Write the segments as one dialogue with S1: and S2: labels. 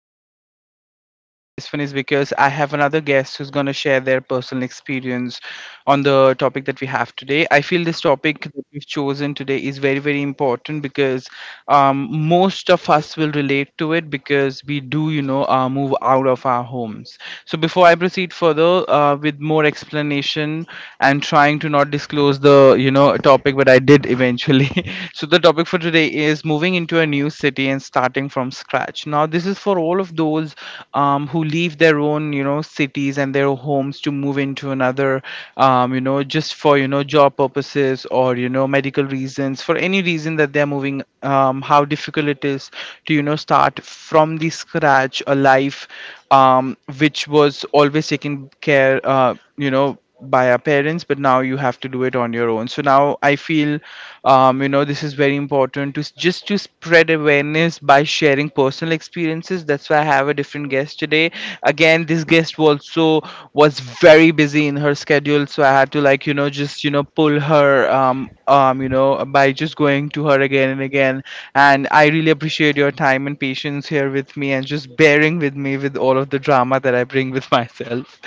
S1: I'm really, really excited for this one is because I have another guest who's going to share their personal experience on the topic that we have today. I feel this topic that we've chosen today is very, very important because most of us will relate to it because we do, move out of our homes. So before I proceed further with more explanation and trying to not disclose the topic, but I did eventually. So the topic for today is moving into a new city and starting from scratch. Now this is for all of those who leave their own, cities and their homes to move into another, just for job purposes or medical reasons, for any reason that they're moving. How difficult it is to start from the scratch a life which was always taken care, by our parents, but now you have to do it on your own. So now I feel this is very important to just to spread awareness by sharing personal experiences. That's why I have a different guest today. Again, this guest also was very busy in her schedule, so I had to like just pull her by just going to her again and again. And I really appreciate your time and patience here with me and just bearing with me with all of the drama that I bring with myself.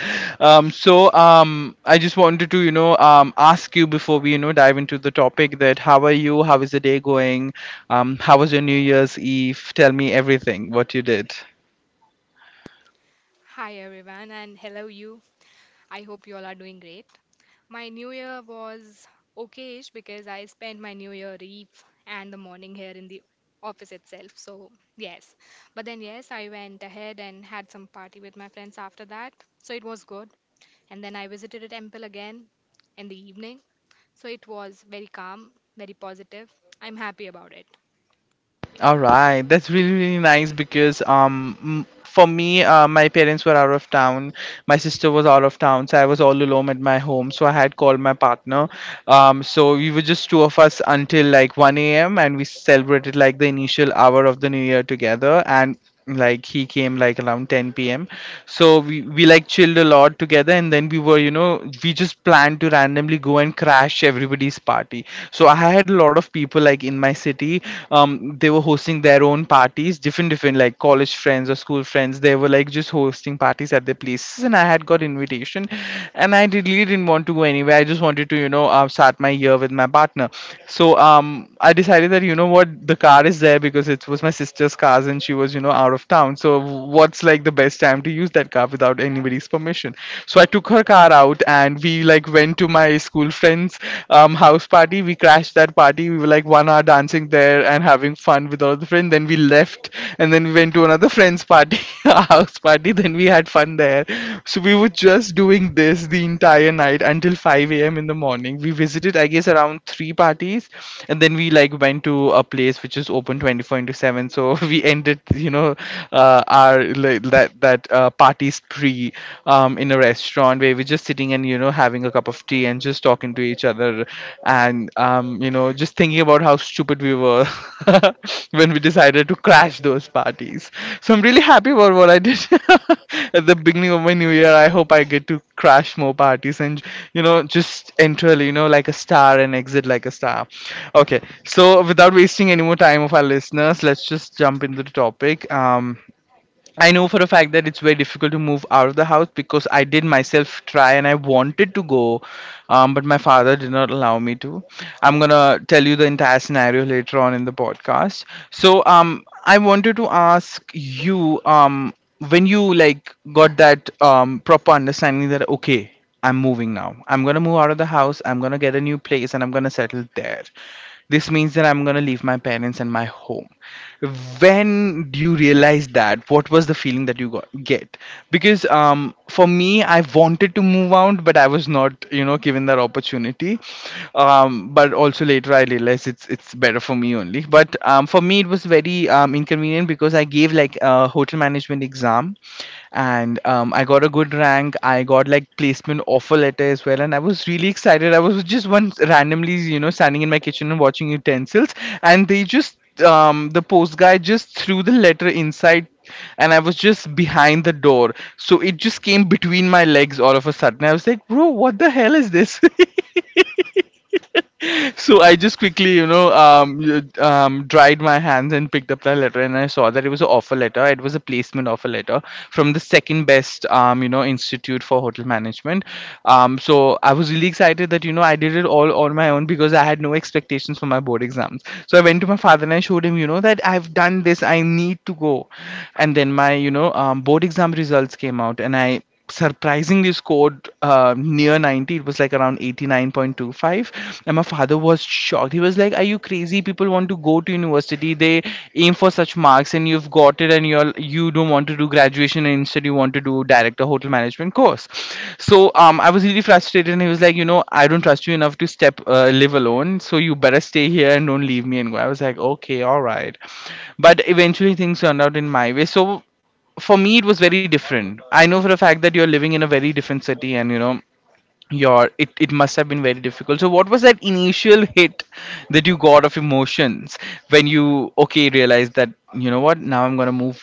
S1: I just wanted to, ask you before we, dive into the topic that how are you? How is the day going? How was your New Year's Eve? Tell me everything, what you did.
S2: Hi everyone and hello you. I hope you all are doing great. My new year was okayish because I spent my new year eve and the morning here in the office itself. So, yes. But then yes, I went ahead and had some party with my friends after that. So it was good. And then I visited a temple again in the evening. So it was very calm, very positive. I'm happy about it.
S1: All right, that's really really nice because for me my parents were out of town, my sister was out of town, so I was all alone at my home. So I had called my partner. So we were just two of us until like 1 a.m., and we celebrated like the initial hour of the new year together. And like he came like around 10 p.m, so we like chilled a lot together. And then we were, you know, we just planned to randomly go and crash everybody's party. So I had a lot of people like in my city. Um, they were hosting their own parties, different different like college friends or school friends. They were like just hosting parties at their places, and I had got invitation. And really didn't want to go anywhere. I just wanted to start my year with my partner. So I decided that, you know what, the car is there because it was my sister's car and she was, you know, out of town. So what's like the best time to use that car without anybody's permission? So I took her car out and we like went to my school friend's house party. We crashed that party. We were like 1 hour dancing there and having fun with all the friends. Then we left, and then we went to another friend's party, a house party. Then we had fun there. So we were just doing this the entire night until 5 a.m. in the morning. We visited, I guess, around 3 parties, and then we like went to a place which is open 24 into 7. So we ended, our like, that that party spree in a restaurant where we're just sitting and, you know, having a cup of tea and just talking to each other. And just thinking about how stupid we were when we decided to crash those parties. So I'm really happy about what I did at the beginning of my new year. I hope I get to crash more parties and, you know, just enter, you know, like a star and exit like a star. Okay, so without wasting any more time of our listeners, let's just jump into the topic. I know for a fact that it's very difficult to move out of the house because I did myself try and I wanted to go, but my father did not allow me to. I'm gonna tell you the entire scenario later on in the podcast. So, I wanted to ask you, when you like got that proper understanding that, okay, I'm moving now. I'm gonna move out of the house. I'm gonna get a new place and I'm gonna settle there. This means that I'm going to leave my parents and my home. When do you realize that? What was the feeling that you got get? Because, for me, I wanted to move out, but I was not, you know, given that opportunity. But also later I realized it's better for me only. But for me, it was very inconvenient because I gave like a hotel management exam. And I got a good rank. I got like placement offer letter as well, and I was really excited. I was just once randomly, you know, standing in my kitchen and watching utensils, and they just the post guy just threw the letter inside. And I was just behind the door. So it just came between my legs all of a sudden. I was like, bro, what the hell is this? So I just quickly, you know, dried my hands and picked up that letter, and I saw that it was an offer letter. It was a placement offer letter from the second best, institute for hotel management. So I was really excited that, you know, I did it all on my own because I had no expectations for my board exams. So I went to my father and I showed him, you know, that I've done this. I need to go. And then my, board exam results came out, and I surprisingly scored near 90. It was like around 89.25, and my father was shocked. He was like, are you crazy? People want to go to university. They aim for such marks, and you've got it, and you don't want to do graduation and instead you want to do direct a hotel management course. So I was really frustrated, and he was like, you know, I don't trust you enough to step live alone, so you better stay here and don't leave me and go. I was like, okay, all right. But eventually things turned out in my way. So for me it was very different. I know for a fact that you're living in a very different city, and, you know, your it must have been very difficult. So what was that initial hit that you got of emotions when you okay realized that, you know what, now I'm gonna move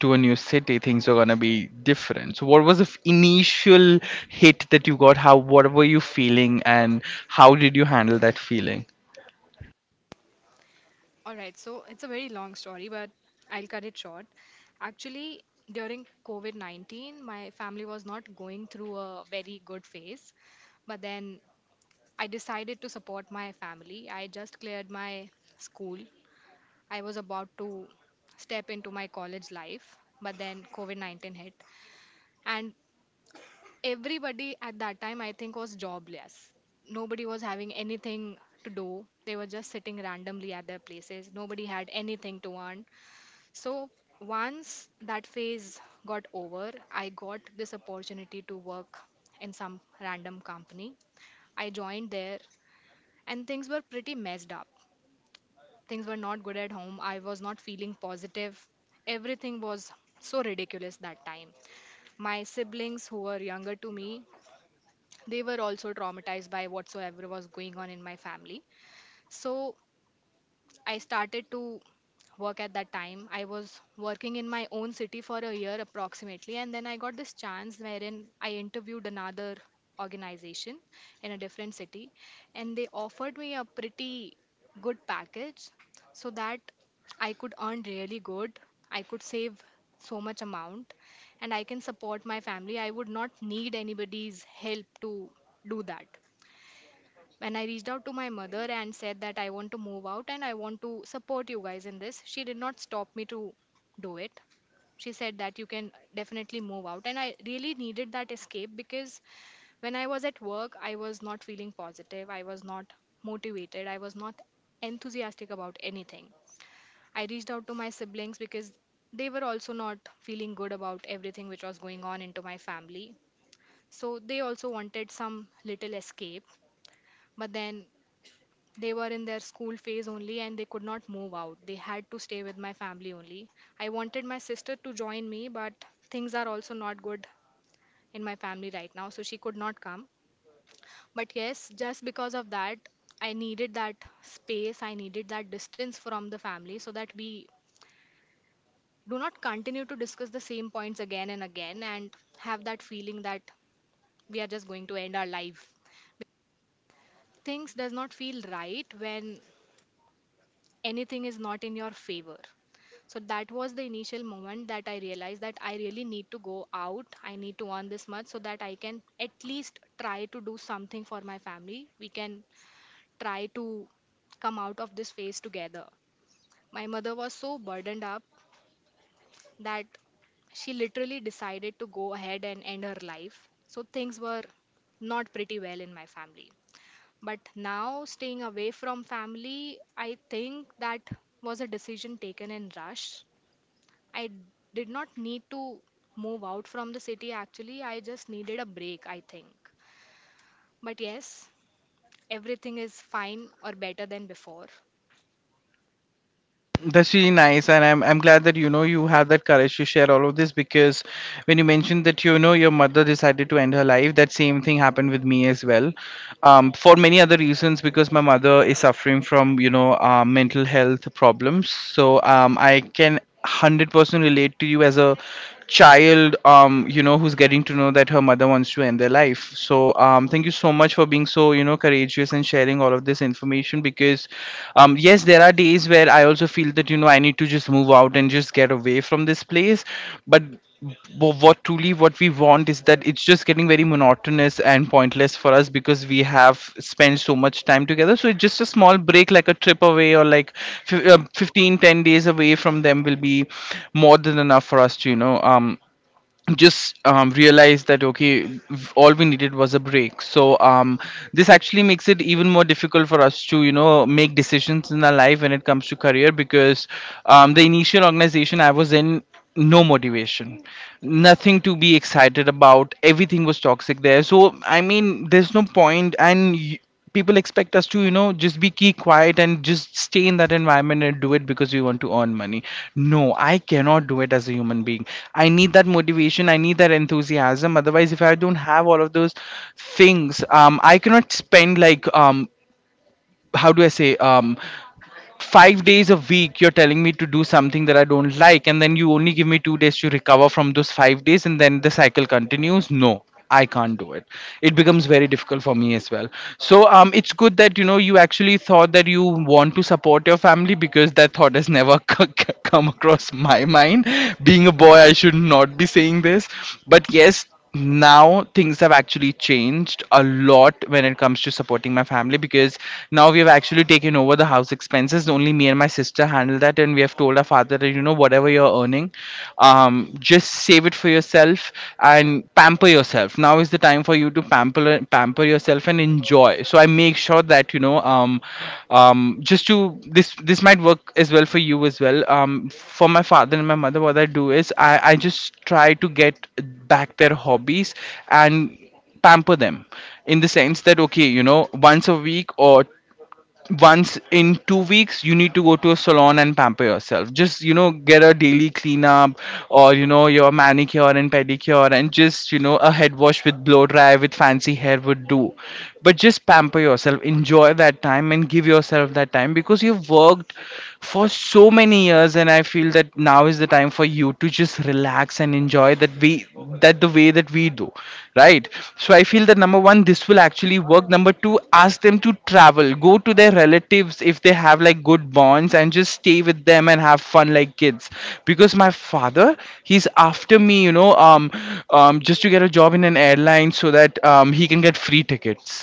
S1: to a new city, things are gonna be different? So what was the initial hit that you got? How, what were you feeling, and how did you handle that feeling?
S2: All right, so it's a very long story, but I'll cut it short. Actually, during COVID 19, my family was not going through a very good phase, but then I decided to support my family. I just cleared my school, I was about to step into my college life, but then COVID 19 hit, and everybody at that time, I think, was jobless. Nobody was having anything to do, they were just sitting randomly at their places, nobody had anything to earn. So once that phase got over, I got this opportunity to work in some random company. I joined there and things were pretty messed up. Things were not good at home. I was not feeling positive. Everything was so ridiculous that time. My siblings who were younger to me, they were also traumatized by whatsoever was going on in my family. So I started to work at that time. I was working in my own city for a year approximately, and then I got this chance wherein I interviewed another organization in a different city, and they offered me a pretty good package so that I could earn really good. I could save so much amount and I can support my family. I would not need anybody's help to do that. When I reached out to my mother and said that I want to move out and I want to support you guys in this, she did not stop me to do it. She said that you can definitely move out. And I really needed that escape because when I was at work, I was not feeling positive. I was not motivated. I was not enthusiastic about anything. I reached out to my siblings because they were also not feeling good about everything which was going on into my family. So they also wanted some little escape. But then they were in their school phase only and they could not move out. They had to stay with my family only. I wanted my sister to join me, but things are also not good in my family right now, so she could not come. But yes, just because of that, I needed that space, I needed that distance from the family so that we do not continue to discuss the same points again and again and have that feeling that we are just going to end our life. Things does not feel right when anything is not in your favor. So that was the initial moment that I realized that I really need to go out. I need to earn this much so that I can at least try to do something for my family. We can try to come out of this phase together. My mother was so burdened up that she literally decided to go ahead and end her life. So things were not pretty well in my family. But now, staying away from family, I think that was a decision taken in rush. I did not need to move out from the city actually. I just needed a break, I think. But yes, everything is fine or better than before.
S1: That's really nice, and I'm glad that, you know, you have that courage to share all of this because when you mentioned that, you know, your mother decided to end her life, that same thing happened with me as well, for many other reasons because my mother is suffering from, mental health problems. So I can 100% relate to you as a child, you know, who's getting to know that her mother wants to end their life. So, thank you so much for being so, you know, courageous and sharing all of this information because, yes, there are days where I also feel that, you know, I need to just move out and just get away from this place. But what we want is that it's just getting very monotonous and pointless for us because we have spent so much time together, so it's just a small break, like a trip away or like 15 10 days away from them will be more than enough for us to you know just realized that okay, all we needed was a break. So this actually makes it even more difficult for us to you know make decisions in our life when it comes to career, because the initial organization I was in, no motivation, nothing to be excited about, everything was toxic there. So I mean there's no point. And people expect us to you know just be key quiet and just stay in that environment and do it because we want to earn money. No, I cannot do it as a human being. I need that motivation, I need that enthusiasm. Otherwise, if I don't have all of those things, I cannot spend like how do I say 5 days a week, you're telling me to do something that I don't like, and then you only give me 2 days to recover from those 5 days, and then the cycle continues. No, I can't do it. It becomes very difficult for me as well. So it's good that you know you actually thought that you want to support your family, because that thought has never come across my mind. Being a boy, I should not be saying this, but yes, now things have actually changed a lot when it comes to supporting my family, because now we have actually taken over the house expenses. Only me and my sister handle that, and we have told our father that you know, whatever you're earning, just save it for yourself and pamper yourself. Now is the time for you to pamper yourself and enjoy. So I make sure that you know just to this might work as well for you as well. For my father and my mother, what I do is I just try to get back their hobbies and pamper them, in the sense that okay, you know, once a week or once in 2 weeks, you need to go to a salon and pamper yourself. Just you know get a daily cleanup, or you know your manicure and pedicure, and just you know a head wash with blow dry with fancy hair would do. But just pamper yourself, enjoy that time and give yourself that time, because you've worked for so many years and I feel that now is the time for you to just relax and enjoy. That we, that the way that we do, right? So I feel that number one, this will actually work. Number two, ask them to travel, go to their relatives if they have like good bonds, and just stay with them and have fun like kids. Because my father, he's after me, you know, just to get a job in an airline so that he can get free tickets.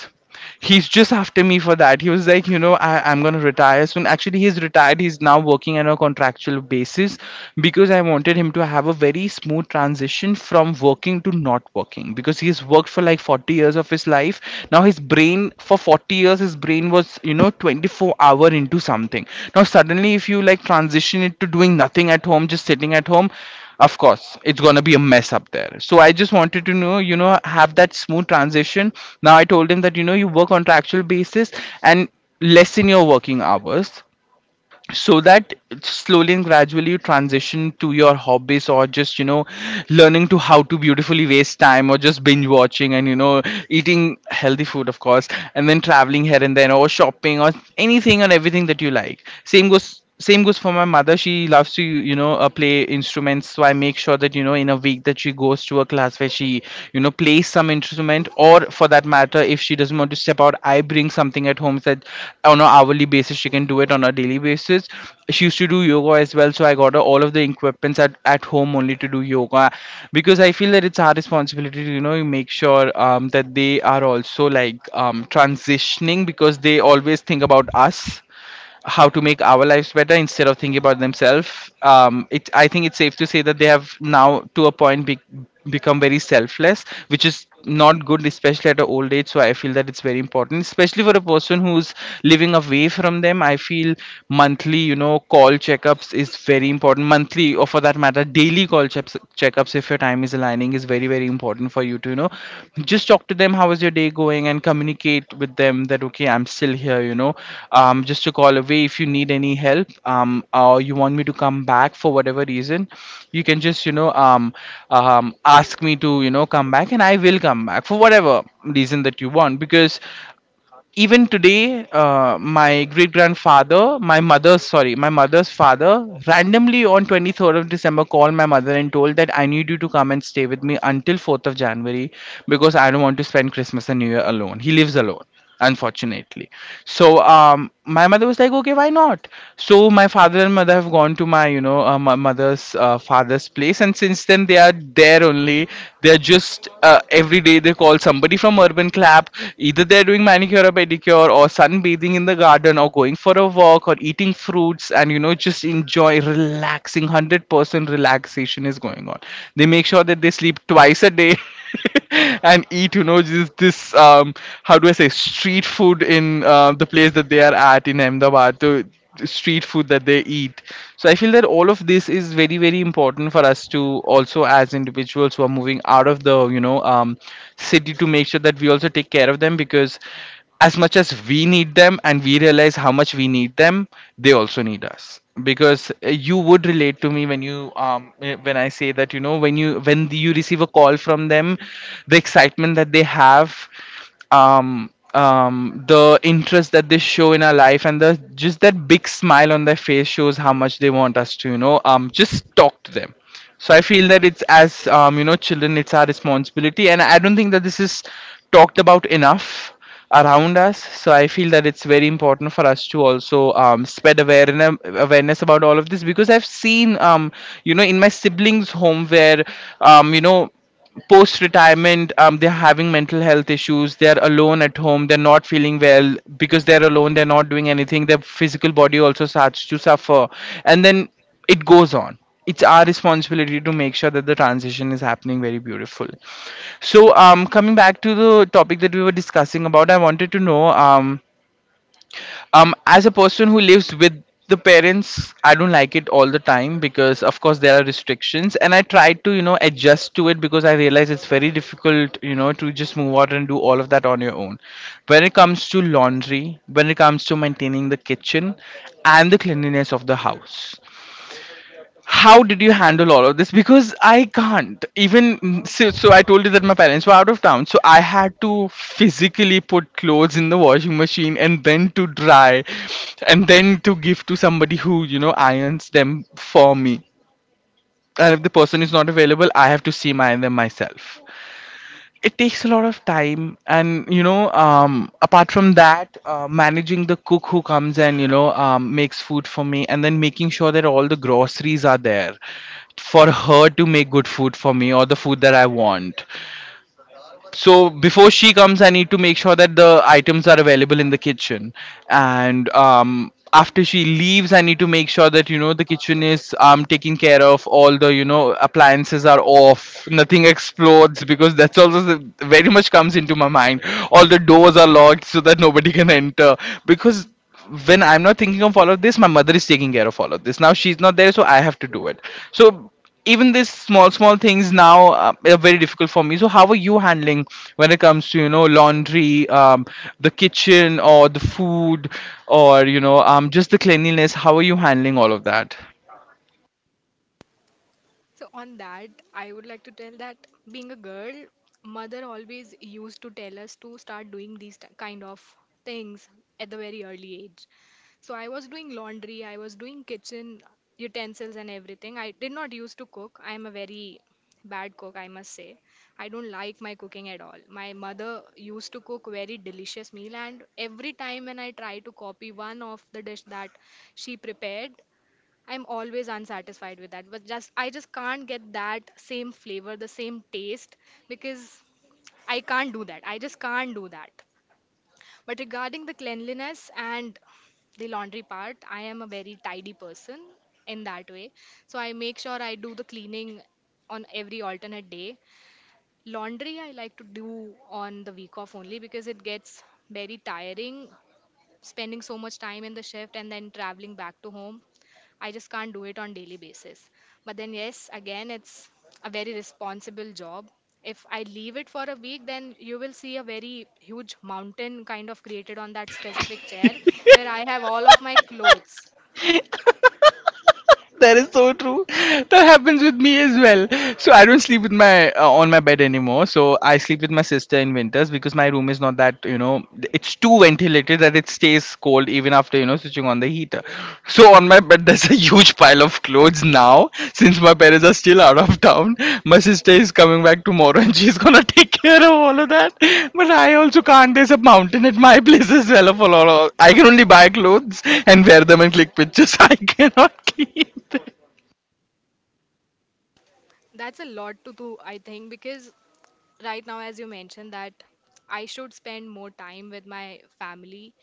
S1: He's just after me for that. He was like, you know, I'm gonna retire soon. Actually, he's retired. He's now working on a contractual basis, because I wanted him to have a very smooth transition from working to not working, because he's worked for like 40 years of his life. Now his brain, for 40 years, his brain was you know 24-hour into something. Now suddenly, if you like transition it to doing nothing at home, just sitting at home, of course it's gonna be a mess up there. So I just wanted to know, you know, have that smooth transition. Now I told him that, you know, you work on contractual basis and lessen your working hours, so that slowly and gradually you transition to your hobbies, or just you know learning to how to beautifully waste time, or just binge watching, and you know eating healthy food of course, and then traveling here and there, or shopping, or anything and everything that you like. Same goes for my mother. She loves to play instruments. So I make sure that you know in a week that she goes to a class where she you know plays some instrument. Or for that matter, if she doesn't want to step out, I bring something at home so that on an hourly basis she can do it, on a daily basis. She used to do yoga as well, so I got her all of the equipments at home only to do yoga, because I feel that it's our responsibility to you know make sure that they are also like transitioning, because they always think about us, how to make our lives better instead of thinking about themselves. I think it's safe to say that they have now, to a point, become very selfless, which is not good, especially at an old age. So I feel that it's very important, especially for a person who's living away from them. I feel monthly, you know, call checkups is very important. Monthly, or for that matter, daily call checkups, if your time is aligning, is very very important for you to you know just talk to them, how is your day going, and communicate with them that okay, I'm still here, you know, just to call away if you need any help. Or you want me to come back for whatever reason, you can just you know ask me to you know come back, and I will come back for whatever reason that you want. Because even today, my great grandfather, my mother's, sorry, my mother's father, randomly on 23rd of December, called my mother and told that I need you to come and stay with me until 4th of January, because I don't want to spend Christmas and new year alone. He lives alone, unfortunately. So my mother was like okay, why not. So my father and mother have gone to my my mother's father's place, and since then they are there only. They're just every day they call somebody from Urban Clap. Either they're doing manicure or pedicure, or sunbathing in the garden, or going for a walk, or eating fruits, and you know just enjoy relaxing. 100% relaxation is going on. They make sure that they sleep twice a day. And eat you know just this how do I say street food in the place that they are at in Ahmedabad. The street food that they eat. So I feel that all of this is very very important for us to also, as individuals who are moving out of the you know city, to make sure that we also take care of them, because as much as we need them and we realize how much we need them, they also need us. Because you would relate to me when you when I say that you know, when you, when you receive a call from them, the excitement that they have, the interest that they show in our life, and the just that big smile on their face shows how much they want us to you know just talk to them. So I feel that it's as you know, children, it's our responsibility, and I don't think that this is talked about enough around us. So I feel that it's very important for us to also spread awareness about all of this, because I've seen you know in my siblings' home where you know post retirement, they're having mental health issues, they're alone at home, they're not feeling well because they're alone, they're not doing anything, their physical body also starts to suffer, and then it goes on. It's our responsibility to make sure that the transition is happening very beautiful. So coming back to the topic that we were discussing about, I wanted to know, as a person who lives with the parents, I don't like it all the time, because of course there are restrictions, and I try to you know adjust to it, because I realize it's very difficult you know to just move out and do all of that on your own, when it comes to laundry, when it comes to maintaining the kitchen and the cleanliness of the house, how did you handle all of this? Because I can't even. So I told you that my parents were out of town, so I had to physically put clothes in the washing machine and then to dry, and then to give to somebody who you know irons them for me. And if the person is not available, I have to steam iron them myself. It takes a lot of time, and you know apart from that, managing the cook who comes and you know makes food for me, and then making sure that all the groceries are there for her to make good food for me, or the food that I want. So before she comes, I need to make sure that the items are available in the kitchen. And after she leaves I need to make sure that you know the kitchen is taken care of, all the you know appliances are off, nothing explodes, because very much comes into my mind. All the doors are locked so that nobody can enter. Because when I'm not thinking of all of this, my mother is taking care of all of this. Now she's not there, so I have to do it. So even this small small things now are very difficult for me. So how are you handling when it comes to laundry, the kitchen or the food, or just the cleanliness? How are you handling all of that?
S2: So, on that, I would like to tell that being a girl, mother always used to tell us to start doing these kind of things at the very early age. So, I was doing laundry, I was doing kitchen utensils and everything. I did not used to cook. I am a very bad cook, I must say. I don't like my cooking at all. My mother used to cook very delicious meal, and every time when I try to copy one of the dish that she prepared, I'm always unsatisfied with that. But just I just can't get that same flavor, the same taste because I can't do that. I just can't do that. But regarding the cleanliness and the laundry part, I am a very tidy person in that way. So I make sure I do the cleaning on every alternate day. Laundry I like to do on the week off only because it gets very tiring spending so much time in the shift and then traveling back to home. I just can't do it on daily basis. But then yes, again, it's a very responsible job. If I leave it for a week, then you will see a very huge mountain kind of created on that specific chair where I have all of my clothes.
S1: That is so true. That happens with me as well. So I don't sleep with my on my bed anymore. So I sleep with my sister in winters because my room is not that it's too ventilated that it stays cold even after switching on the heater. So on my bed there's a huge pile of clothes now since my parents are still out of town. My sister is coming back tomorrow and she's gonna take care of all of that. But I also can't. There's a mountain at my place as well of a lot of. I can only buy clothes and wear them and click pictures. I cannot keep.
S2: That's a lot to do, I think, because right now, as you mentioned that I should spend more time with my family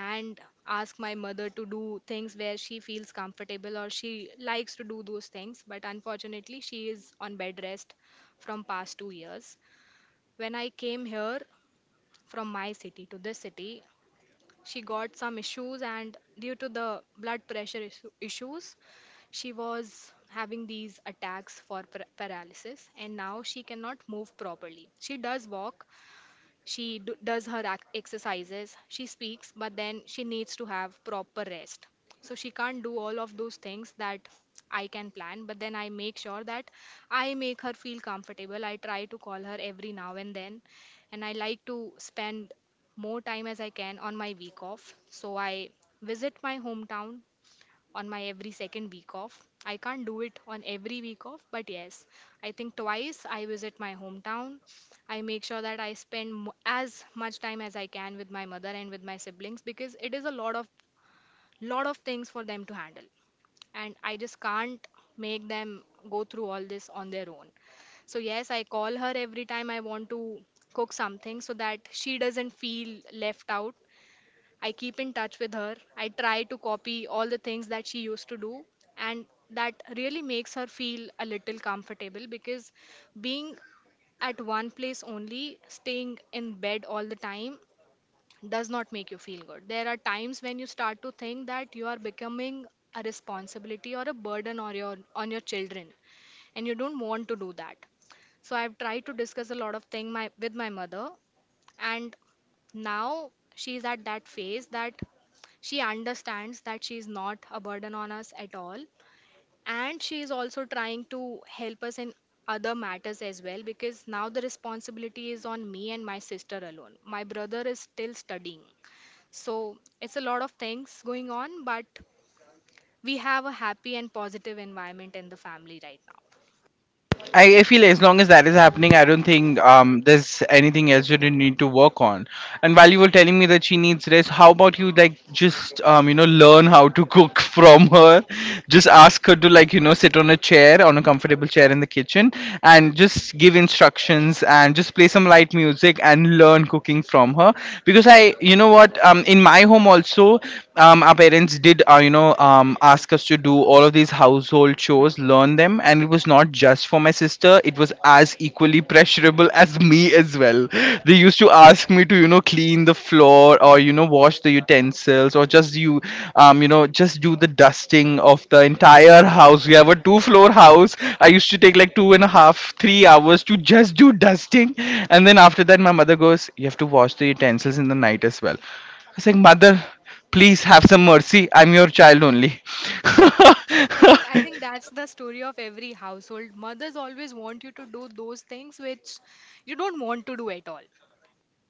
S2: and ask my mother to do things where she feels comfortable or she likes to do those things, but unfortunately she is on bed rest from past 2 years. When I came here from my city to this city, she got some issues and due to the blood pressure issues she was having these attacks for paralysis, and now she cannot move properly. She does walk, she does her exercises, she speaks, but then she needs to have proper rest. So she can't do all of those things that I can plan, but then I make sure that I make her feel comfortable. I try to call her every now and then, and I like to spend more time as I can on my week off. So I visit my hometown on my every second week off. I can't do it on every week off, but yes, I think twice I visit my hometown. I make sure that I spend as much time as I can with my mother and with my siblings because it is a lot of things for them to handle and I just can't make them go through all this on their own. So yes, I call her every time I want to cook something so that she doesn't feel left out. I keep in touch with her. I try to copy all the things that she used to do, and that really makes her feel a little comfortable because being at one place only, staying in bed all the time, does not make you feel good. There are times when you start to think that you are becoming a responsibility or a burden on your children, and you don't want to do that. So I've tried to discuss a lot of thing my, with my mother, and now she's at that phase that she understands that she's not a burden on us at all, and she is also trying to help us in other matters as well because now the responsibility is on me and my sister alone. My brother is still studying, so it's a lot of things going on, but we have a happy and positive environment in the family right now.
S1: I feel as long as that is happening, I don't think there's anything else that you need to work on. And while you were telling me that she needs rest, how about you like just learn how to cook from her? Just ask her to like sit on a chair, on a comfortable chair in the kitchen, and just give instructions and just play some light music and learn cooking from her. Because you know what, in my home also, our parents did ask us to do all of these household chores, learn them, and it was not just for my sister, it was as equally pressurable as me as well. They used to ask me to clean the floor or wash the utensils, or just you, you know just do the dusting of the entire house. We have a two floor house. I used to take like two and a half 3 hours to just do dusting, and then after that my mother goes, you have to wash the utensils in the night as well. I was like, Mother, please have some mercy. I'm your child only.
S2: I think that's the story of every household. Mothers always want you to do those things which you don't want to do at all.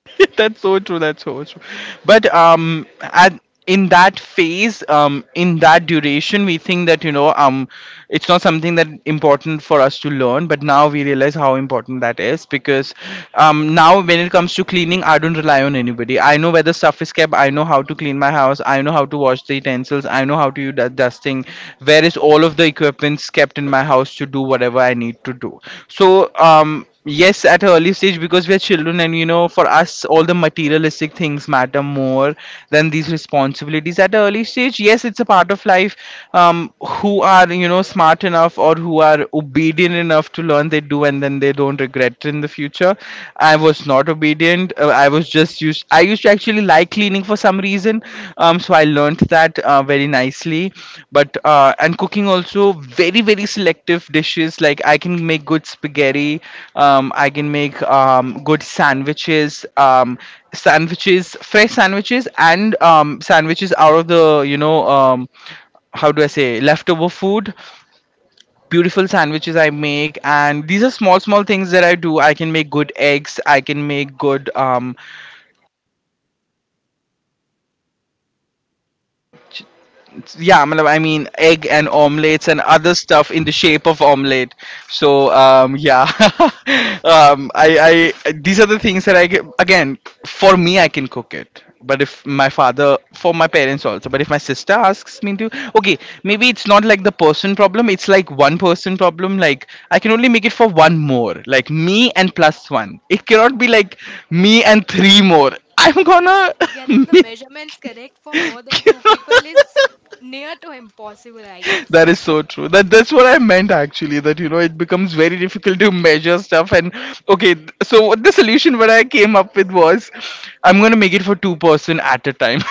S1: That's so true. That's so true. But at, in that phase, in that duration, we think that it's not something that important for us to learn. But now we realize how important that is because, now when it comes to cleaning, I don't rely on anybody. I know where the stuff is kept. I know how to clean my house. I know how to wash the utensils. I know how to do dusting. Where is all of the equipments kept in my house to do whatever I need to do. So yes, at an early stage, because we are children, and you know, for us, all the materialistic things matter more than these responsibilities. At an early stage, yes, it's a part of life. Who are smart enough, or who are obedient enough to learn, they do, and then they don't regret it in the future. I was not obedient. I was just used. I used to actually like cleaning for some reason. So I learned that very nicely, but and cooking also, very very selective dishes. Like, I can make good spaghetti, I can make good sandwiches, um sandwiches, fresh sandwiches, and sandwiches out of the, you know um how do I say, leftover food. Beautiful sandwiches I make, and these are small small things that I do. I can make good eggs. I can make good yeah matlab, I mean egg and omelets and other stuff in the shape of omelet. So yeah. I these are the things that I get. Again, for me, I can cook it, but if my father, for my parents also, but if my sister asks me to, okay, maybe it's not like the person problem, it's like one person problem. Like, I can only make it for one more, like me and plus one. It cannot be like me and three more. I'm gonna
S2: Getting the
S1: make
S2: measurements correct for more than two people is near to impossible, I guess.
S1: That is so true. That's what I meant actually. That it becomes very difficult to measure stuff. And okay, so what the solution what I came up with was, I'm gonna make it for two person at a time.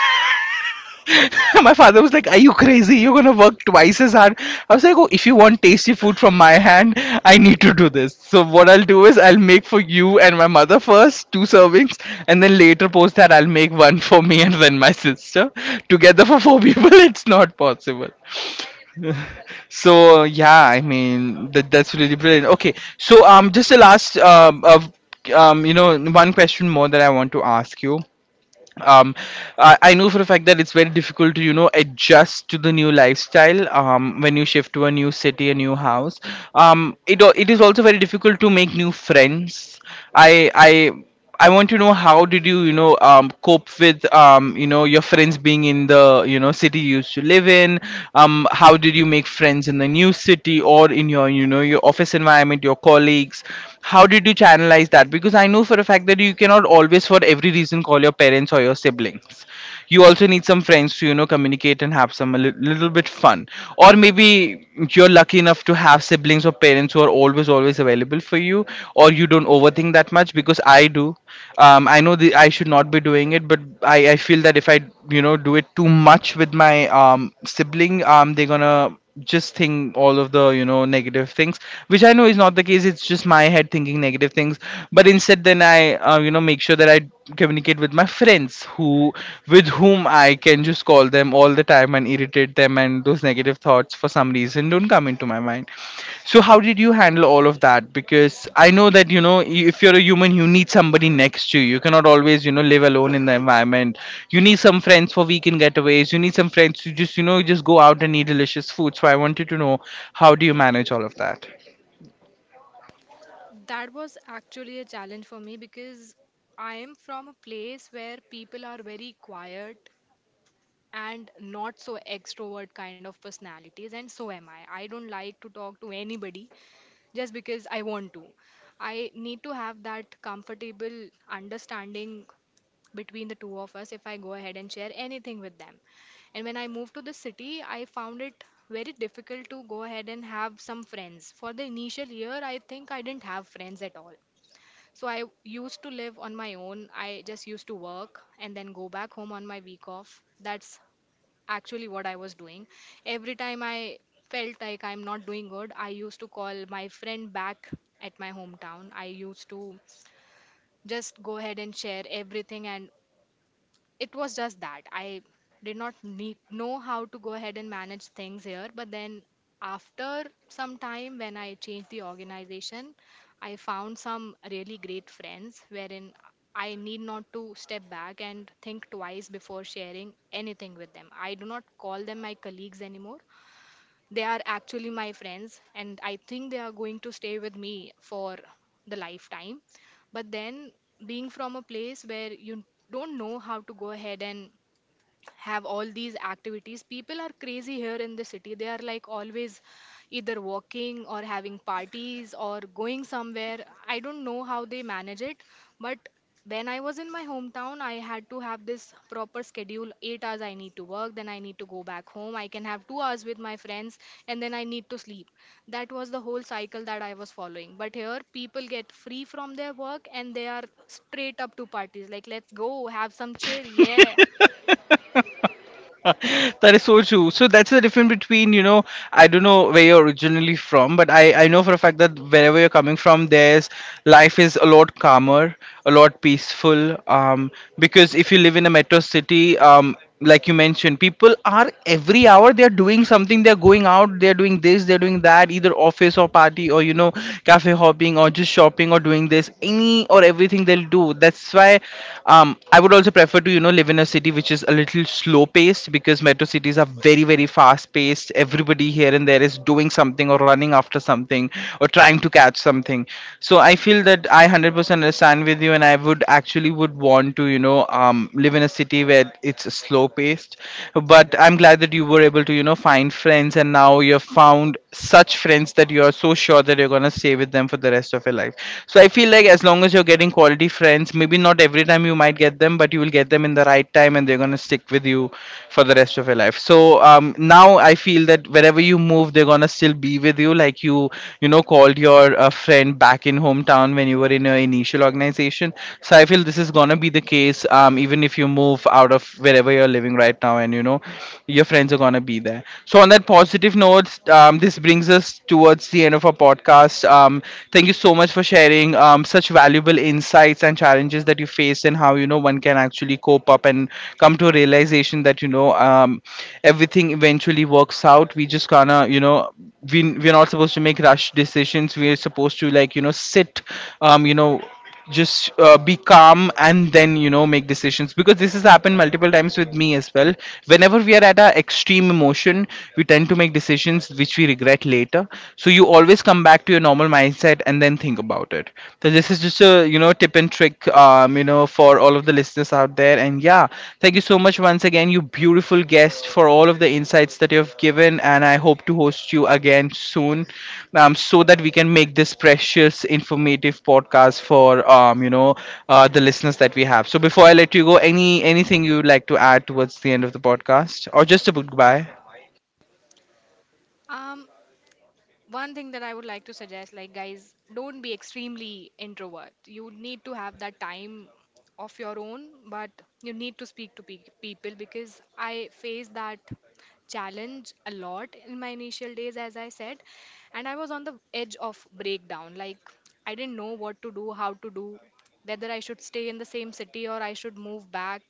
S1: My father was like, "Are you crazy? You're gonna work twice as hard." I was like, "Oh, if you want tasty food from my hand, I need to do this." So what I'll do is, I'll make for you and my mother first two servings, and then later post that I'll make one for me and then my sister. Together for four people, it's not possible. So yeah, I mean that's really brilliant. Okay, so just the last of one question more that I want to ask you. Um I, I know for a fact that it's very difficult to adjust to the new lifestyle when you shift to a new city, a new house. It is also very difficult to make new friends. I I want to know, how did you, you know, cope with, you know, your friends being in the, you know, city you used to live in. How did you make friends in the new city, or in your, you know, your office environment, your colleagues? How did you channelize that? Because I know for a fact that you cannot always, for every reason, call your parents or your siblings. You also need some friends to communicate and have some little bit fun, or maybe you're lucky enough to have siblings or parents who are always always available for you, or you don't overthink that much. Because I do. I know the, I should not be doing it, but I feel that if I do it too much with my sibling, they're gonna just think all of the negative things, which I know is not the case. It's just my head thinking negative things. But instead, then I make sure that I communicate with my friends who, with whom I can just call them all the time and irritate them, and those negative thoughts for some reason don't come into to my mind. So how did you handle all of that? Because I know that if you're a human, you need somebody next to you. You cannot always live alone in the environment. You need some friends for weekend getaways. You need some friends to just just go out and eat delicious food. So I wanted to know, how do you manage all of that?
S2: That was actually a challenge for me because I am from a place where people are very quiet and not so extrovert kind of personalities, and so am I. I don't like to talk to anybody just because I want to. I need to have that comfortable understanding between the two of us if I go ahead and share anything with them. And when I moved to the city, I found it very difficult to go ahead and have some friends. For the initial year, I think I didn't have friends at all. So I used to live on my own. I just used to work and then go back home on my week off. That's actually what I was doing. Every time I felt like I'm not doing good, I used to call my friend back at my hometown. I used to just go ahead and share everything, and it was just that I did not need know how to go ahead and manage things here. But then after some time, when I changed the organization, I found some really great friends wherein I need not to step back and think twice before sharing anything with them. I do not call them my colleagues anymore. They are actually my friends, and I think they are going to stay with me for the lifetime. But then, being from a place where you don't know how to go ahead and have all these activities. People are crazy here in the city. They are like always either walking or having parties or going somewhere. I don't know how they manage it, but when I was in my hometown, I had to have this proper schedule. 8 hours I need to work, then I need to go back home. I can have 2 hours with my friends, and then I need to sleep. That was the whole cycle that I was following. But here, people get free from their work and they are straight up to parties. Like, let's go, have some chill. Yeah.
S1: That is so true. So that's the difference between, you know, I don't know where you're originally from, but I know for a fact that wherever you're coming from, there's, life is a lot calmer, a lot peaceful. Because if you live in a metro city, like you mentioned, people are every hour they're doing something. They're going out, they're doing this, they're doing that, either office or party, or you know, cafe hopping, or just shopping, or doing this, any or everything they'll do. That's why I would also prefer to live in a city which is a little slow paced. Because metro cities are very very fast paced. Everybody here and there is doing something or running after something or trying to catch something. So I feel that I 100% understand with you, and I would actually would want to live in a city where it's slow paced. But I'm glad that you were able to find friends, and now you've found such friends that you're so sure that you're going to stay with them for the rest of your life. So I feel like, as long as you're getting quality quality friends. Maybe not every time you might get them, but you will get them in the right time, and they're going to stick with you for the rest of your life. So now I feel that wherever you move, they're going to still be with you. Like you know, called your friend back in hometown when you were in your initial organization. So I feel this is going to be the case, even if you move out of wherever you're living right now, and, you know, your friends are going to be there. So on that positive note, this brings us towards the end of our podcast. Thank you so much for sharing such valuable insights and challenges that you faced, and how one can actually cope up and come to a realization that everything eventually works out. We just gonna we're not supposed to make rush decisions. We're supposed to like sit, um, you know just be calm and then make decisions. Because this has happened multiple times with me as well. Whenever we are at our extreme emotion, we tend to make decisions which we regret later. So you always come back to your normal mindset and then think about it. So this is just a tip and trick, for all of the listeners out there. And yeah, thank you so much once again, you beautiful guest, for all of the insights that you have given. And I hope to host you again soon, so that we can make this precious, informative podcast for, you know, the listeners that we have. So before I let you go, anything you would like to add towards the end of the podcast, or just a goodbye?
S2: Um, One thing that I would like to suggest, like, guys, don't be extremely introvert. You need to have that time of your own, but you need to speak to people because I face that challenge a lot in my initial days, as I said, and I was on the edge of breakdown. Like, I didn't know what to do, how to do, whether I should stay in the same city or I should move back.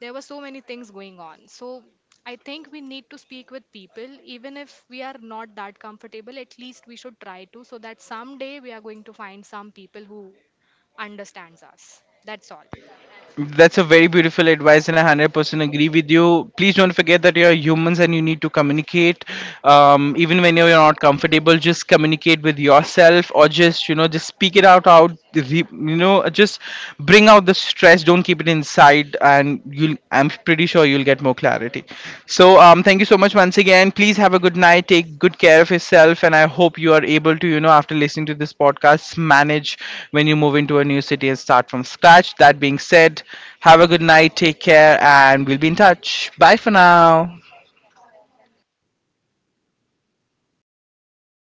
S2: There were so many things going on. So, I think we need to speak with people, even if we are not that comfortable, at least we should try to, so that someday we are going to find some people who understands us. That's all.
S1: That's a very beautiful advice, and I 100% agree with you. Please don't forget that you are humans and you need to communicate. Even when you're not comfortable, just communicate with yourself, or just you know, just speak it out. Out, you know, just bring out the stress. Don't keep it inside, and you will, I'm pretty sure you'll get more clarity. So, thank you so much once again. Please have a good night. Take good care of yourself, and I hope you are able to, you know, after listening to this podcast, manage when you move into a new city and start from scratch. That being said, have a good night. Take care, and we'll be in touch. Bye for now.